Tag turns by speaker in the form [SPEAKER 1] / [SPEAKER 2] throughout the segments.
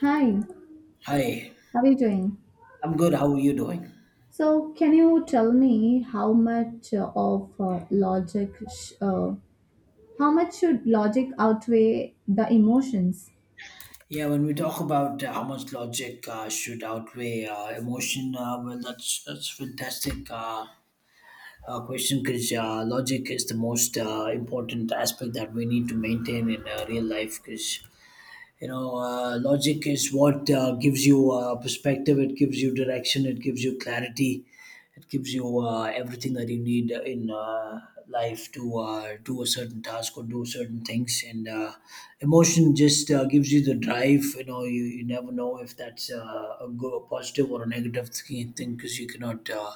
[SPEAKER 1] Hi,
[SPEAKER 2] Hi,
[SPEAKER 1] how are you doing?
[SPEAKER 2] I'm good. How are you doing?
[SPEAKER 1] So, can you tell me how much of logic, how much should logic outweigh the emotions?
[SPEAKER 2] Yeah, when we talk about how much logic should outweigh emotion, well, that's fantastic question, because logic is the most important aspect that we need to maintain in real life. Because logic is what gives you perspective, it gives you direction, it gives you clarity, it gives you everything that you need in life to do a certain task or do certain things. And emotion just gives you the drive. You never know if that's a good, a positive or a negative thing, because you cannot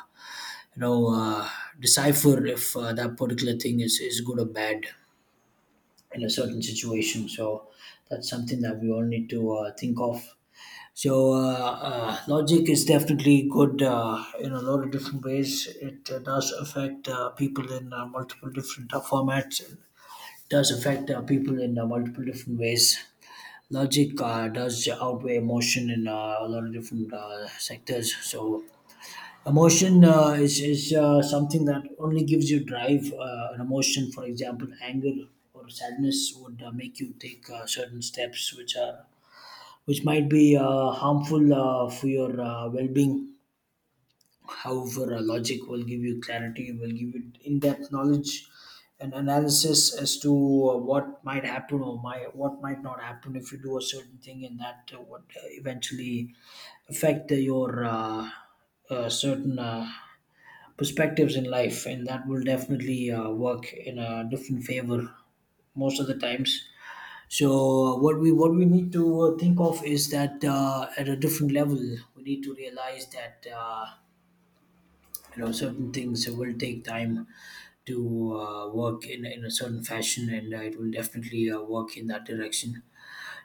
[SPEAKER 2] you know uh, decipher if that particular thing is good or bad in a certain situation. So that's something that we all need to think of. So logic is definitely good in a lot of different ways. It does affect people in multiple different formats. It does affect people in multiple different ways. Logic does outweigh emotion in a lot of different sectors. So emotion is something that only gives you drive. An emotion, for example, anger or sadness, would make you take certain steps which might be harmful for your well-being. However, logic will give you clarity, will give you in-depth knowledge and analysis as to what might happen what might not happen if you do a certain thing, and that would eventually affect your certain perspectives in life, and that will definitely work in a different favor most of the times. So what we need to think of is that at a different level, we need to realize that certain things will take time to work in a certain fashion, and it will definitely work in that direction.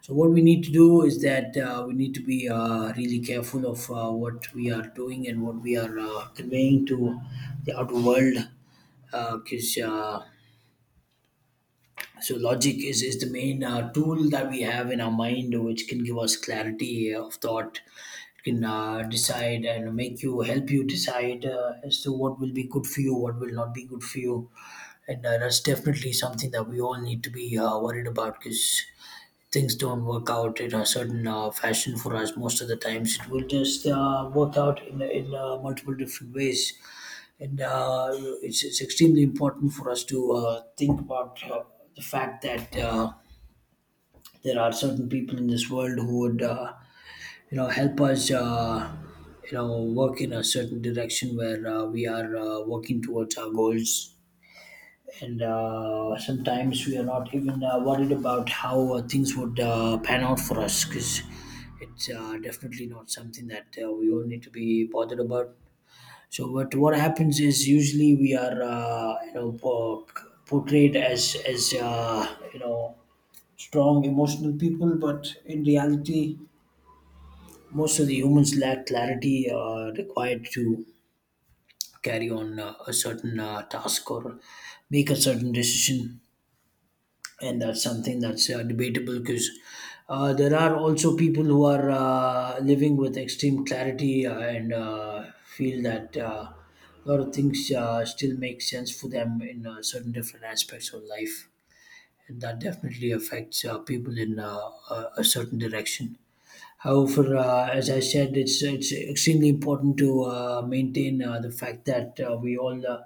[SPEAKER 2] So what we need to do is that we need to be really careful of what we are doing and what we are conveying to the outer world, because so logic is the main tool that we have in our mind, which can give us clarity of thought. It can decide and make you help you decide as to what will be good for you, what will not be good for you, and that's definitely something that we all need to be worried about, because things don't work out in a certain fashion for us. Most of the times it will just work out in multiple different ways. And it's extremely important for us to think about the fact that there are certain people in this world who would help us work in a certain direction where we are working towards our goals. And sometimes we are not even worried about how things would pan out for us, because it's definitely not something that we all need to be bothered about. So, what happens is usually we are portrayed as strong emotional people, but in reality, most of the humans lack clarity required to carry on a certain task or make a certain decision. And that's something that's debatable, because there are also people who are living with extreme clarity and feel that a lot of things still make sense for them in certain different aspects of life. And that definitely affects people in a certain direction. However, as I said, it's extremely important to maintain the fact that we all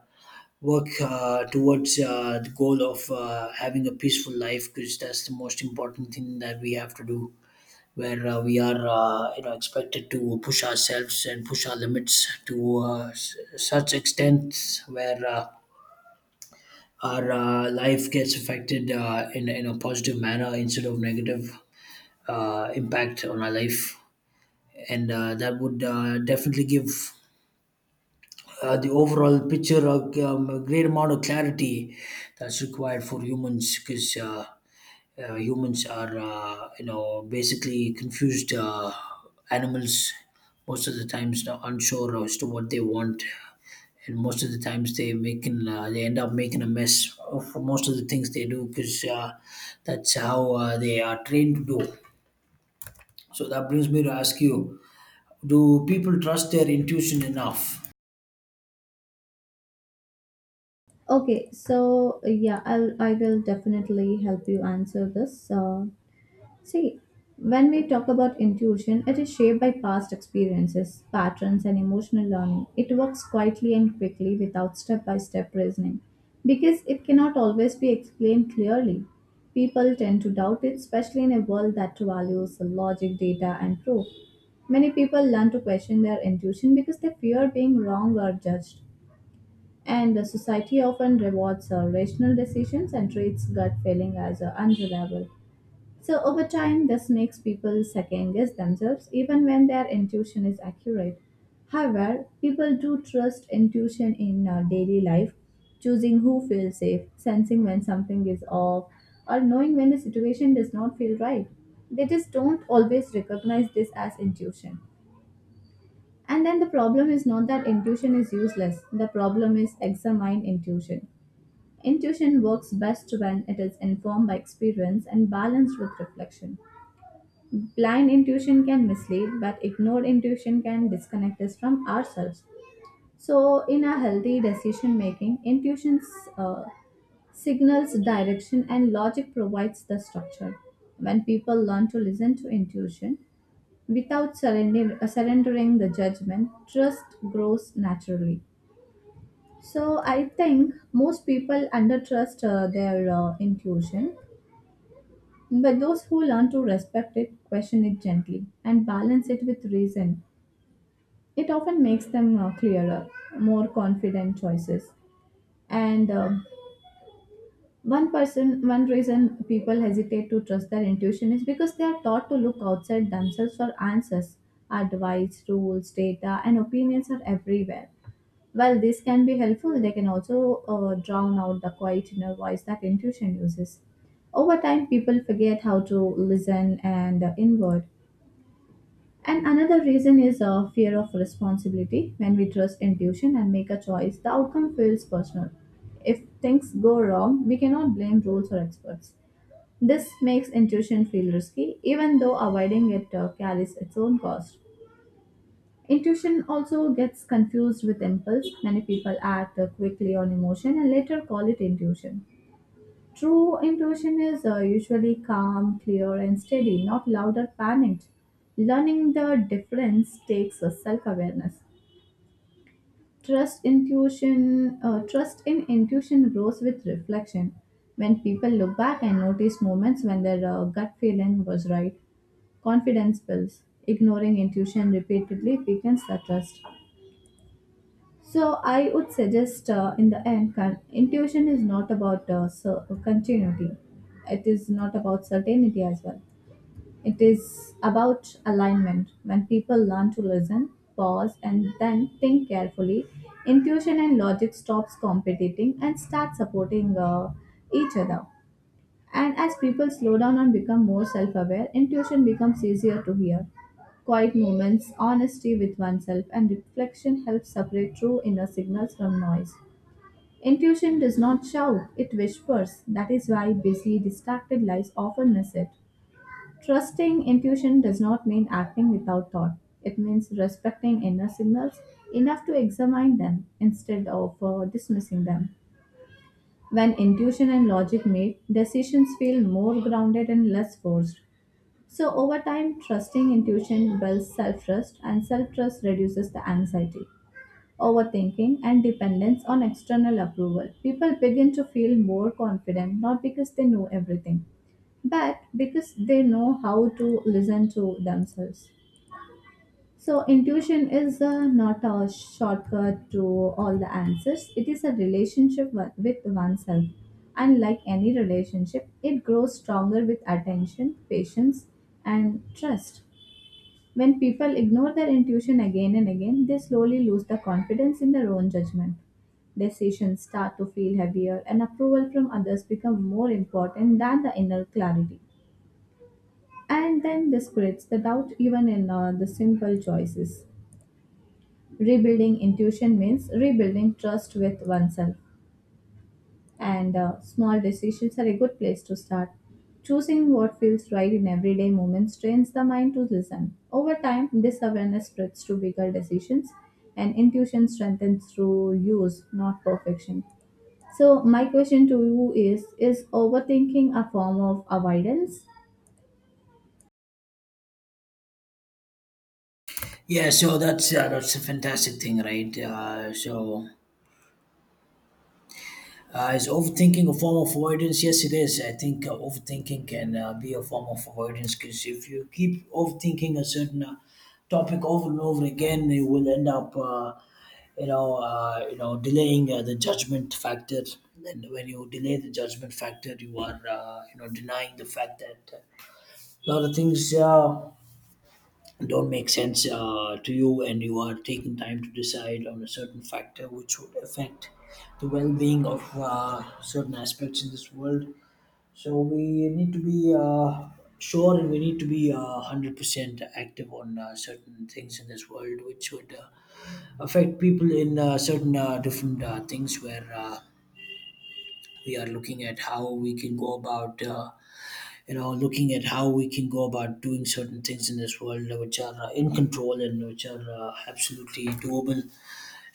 [SPEAKER 2] work towards the goal of having a peaceful life, because that's the most important thing that we have to do, where we are expected to push ourselves and push our limits to such extent where our life gets affected in a positive manner instead of negative impact on our life. And that would definitely give the overall picture, a great amount of clarity that's required for humans, because humans are, basically confused animals most of the times, not unsure as to what they want. And most of the times they end up making a mess of most of the things they do, because that's how they are trained to do. So that brings me to ask you: Do people trust their intuition enough?
[SPEAKER 1] Okay, so yeah, I will definitely help you answer this. See, when we talk about intuition, it is shaped by past experiences, patterns, and emotional learning. It works quietly and quickly without step by step reasoning because it cannot always be explained clearly. People tend to doubt it, especially in a world that values logic, data, and proof. Many people learn to question their intuition because they fear being wrong or judged. And the society often rewards rational decisions and treats gut feeling as unreliable. So, over time, this makes people second guess themselves even when their intuition is accurate. However, people do trust intuition in daily life, choosing who feels safe, sensing when something is off, or knowing when a situation does not feel right. They just don't always recognize this as intuition. And then the problem is not that intuition is useless, the problem is examine intuition. Intuition works best when it is informed by experience and balanced with reflection. Blind intuition can mislead, but ignored intuition can disconnect us from ourselves. So in a healthy decision making, intuition uh, signals direction and logic provides the structure. When people learn to listen to intuition without surrendering the judgment, trust grows naturally. So I think most people undertrust their intuition, but those who learn to respect it, question it gently and balance it with reason. It often makes them clearer, more confident choices. And one reason people hesitate to trust their intuition is because they are taught to look outside themselves for answers. Advice, rules, data, and opinions are everywhere. While this can be helpful, they can also drown out the quiet inner voice that intuition uses. Over time, people forget how to listen and inward. And another reason is a fear of responsibility. When we trust intuition and make a choice, the outcome feels personal. If things go wrong, we cannot blame rules or experts. This makes intuition feel risky, even though avoiding it carries its own cost. Intuition also gets confused with impulse. Many people act quickly on emotion and later call it intuition. True intuition is usually calm, clear, and steady, not loud or panicked. Learning the difference takes a self-awareness. Trust in intuition grows with reflection. When people look back and notice moments when their gut feeling was right, confidence builds. Ignoring intuition repeatedly weakens the trust. So I would suggest in the end, intuition is not about continuity. It is not about certainty as well. It is about alignment. When people learn to listen, pause, and then think carefully, intuition and logic stops competing and start supporting each other. And as people slow down and become more self aware, intuition becomes easier to hear. Quiet moments, honesty with oneself, and reflection help separate true inner signals from noise. Intuition does not shout, it whispers. That is why busy, distracted lives often miss it. Trusting intuition does not mean acting without thought. It means respecting inner signals enough to examine them instead of dismissing them. When intuition and logic meet, decisions feel more grounded and less forced. So, over time, trusting intuition builds self trust, and self trust reduces the anxiety, overthinking, and dependence on external approval. People begin to feel more confident not because they know everything, but because they know how to listen to themselves. So, intuition is not a shortcut to all the answers. It is a relationship with oneself. And like any relationship, it grows stronger with attention, patience, and trust. When people ignore their intuition again and again, they slowly lose the confidence in their own judgment. Decisions start to feel heavier, and approval from others become more important than the inner clarity. And then this creates the doubt even in the simple choices. Rebuilding intuition means rebuilding trust with oneself, and small decisions are a good place to start. Choosing what feels right in everyday moments trains the mind to listen. Over time, this awareness spreads to bigger decisions, and intuition strengthens through use, not perfection. So, my question to you is overthinking a form of avoidance?
[SPEAKER 2] Yeah, so that's a fantastic thing, right? Is overthinking a form of avoidance? Yes, it is. I think overthinking can be a form of avoidance, because if you keep overthinking a certain topic over and over again, you will end up, delaying the judgment factor. And when you delay the judgment factor, you are, denying the fact that a lot of things don't make sense to you, and you are taking time to decide on a certain factor which would affect the well-being of certain aspects in this world. So we need to be sure, and we need to be 100% active on certain things in this world which would affect people in certain different things, where we are looking at how we can go about looking at how we can go about doing certain things in this world which are in control and which are absolutely doable.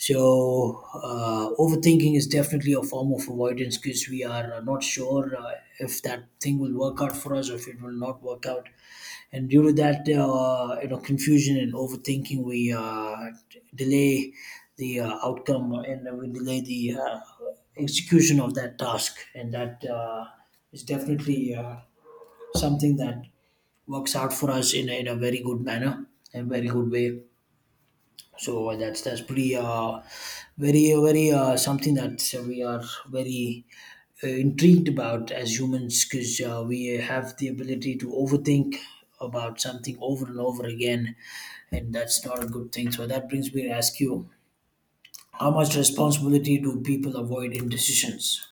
[SPEAKER 2] So, overthinking is definitely a form of avoidance, because we are not sure if that thing will work out for us or if it will not work out. And due to that, confusion and overthinking, we delay the outcome, and we delay the execution of that task. And that is definitely something that works out for us in a very good manner and very good way. So that's pretty very very something that we are very intrigued about as humans, because we have the ability to overthink about something over and over again. And that's not a good thing. So that brings me to ask you: How much responsibility do people avoid in decisions?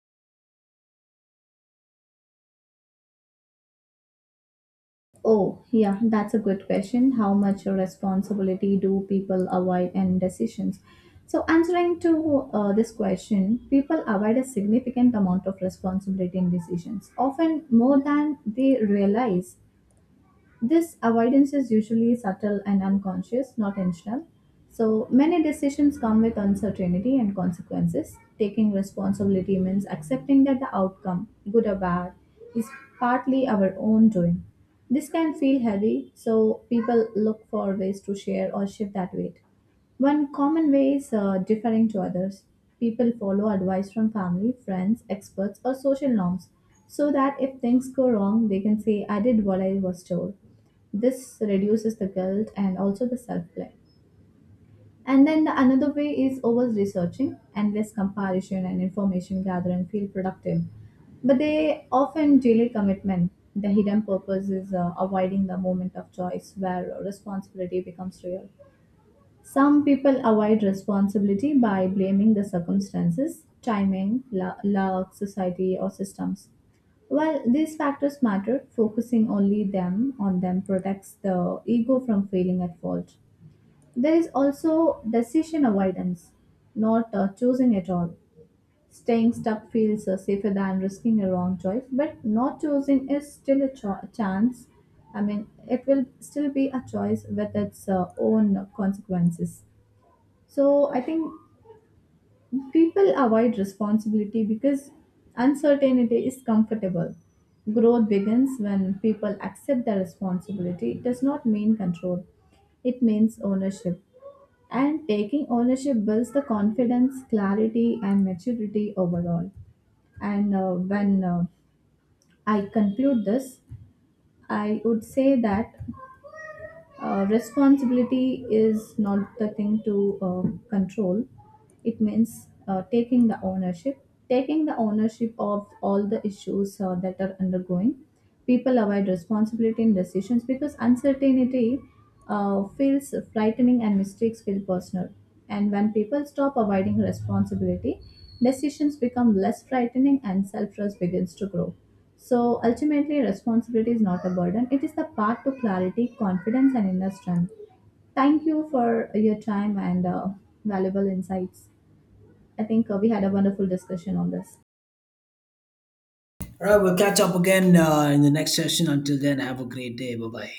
[SPEAKER 1] Oh, yeah, that's a good question. How much responsibility do people avoid in decisions? So, answering to this question, people avoid a significant amount of responsibility in decisions, often more than they realize. This avoidance is usually subtle and unconscious, not intentional. So, many decisions come with uncertainty and consequences. Taking responsibility means accepting that the outcome, good or bad, is partly our own doing. This can feel heavy, so people look for ways to share or shift that weight. One common way is deferring to others. People follow advice from family, friends, experts, or social norms so that if things go wrong, they can say, I did what I was told. This reduces the guilt and also the self blame. And then the another way is over researching, endless comparison and information gathering feel productive, but they often delay commitment. The hidden purpose is avoiding the moment of choice where responsibility becomes real. Some people avoid responsibility by blaming the circumstances, timing, luck, society, or systems. While these factors matter, focusing only them on them protects the ego from feeling at fault. There is also decision avoidance, not choosing at all. Staying stuck feels safer than risking a wrong choice, but not choosing is still a chance. I mean, it will still be a choice with its own consequences. So I think people avoid responsibility because uncertainty is comfortable. Growth begins when people accept their responsibility. It does not mean control, it means ownership. And taking ownership builds the confidence, clarity, and maturity overall. And when I conclude this, I would say that responsibility is not the thing to control. It means taking the ownership, taking the ownership of all the issues that are undergoing. People avoid responsibility in decisions because uncertainty feels frightening and mistakes feel personal. And when people stop avoiding responsibility, decisions become less frightening and self trust begins to grow. So ultimately, responsibility is not a burden, it is the path to clarity, confidence, and inner strength. Thank you for your time and valuable insights. I think we had a wonderful discussion on this.
[SPEAKER 2] All right, we'll catch up again in the next session. Until then, have a great day. Bye bye.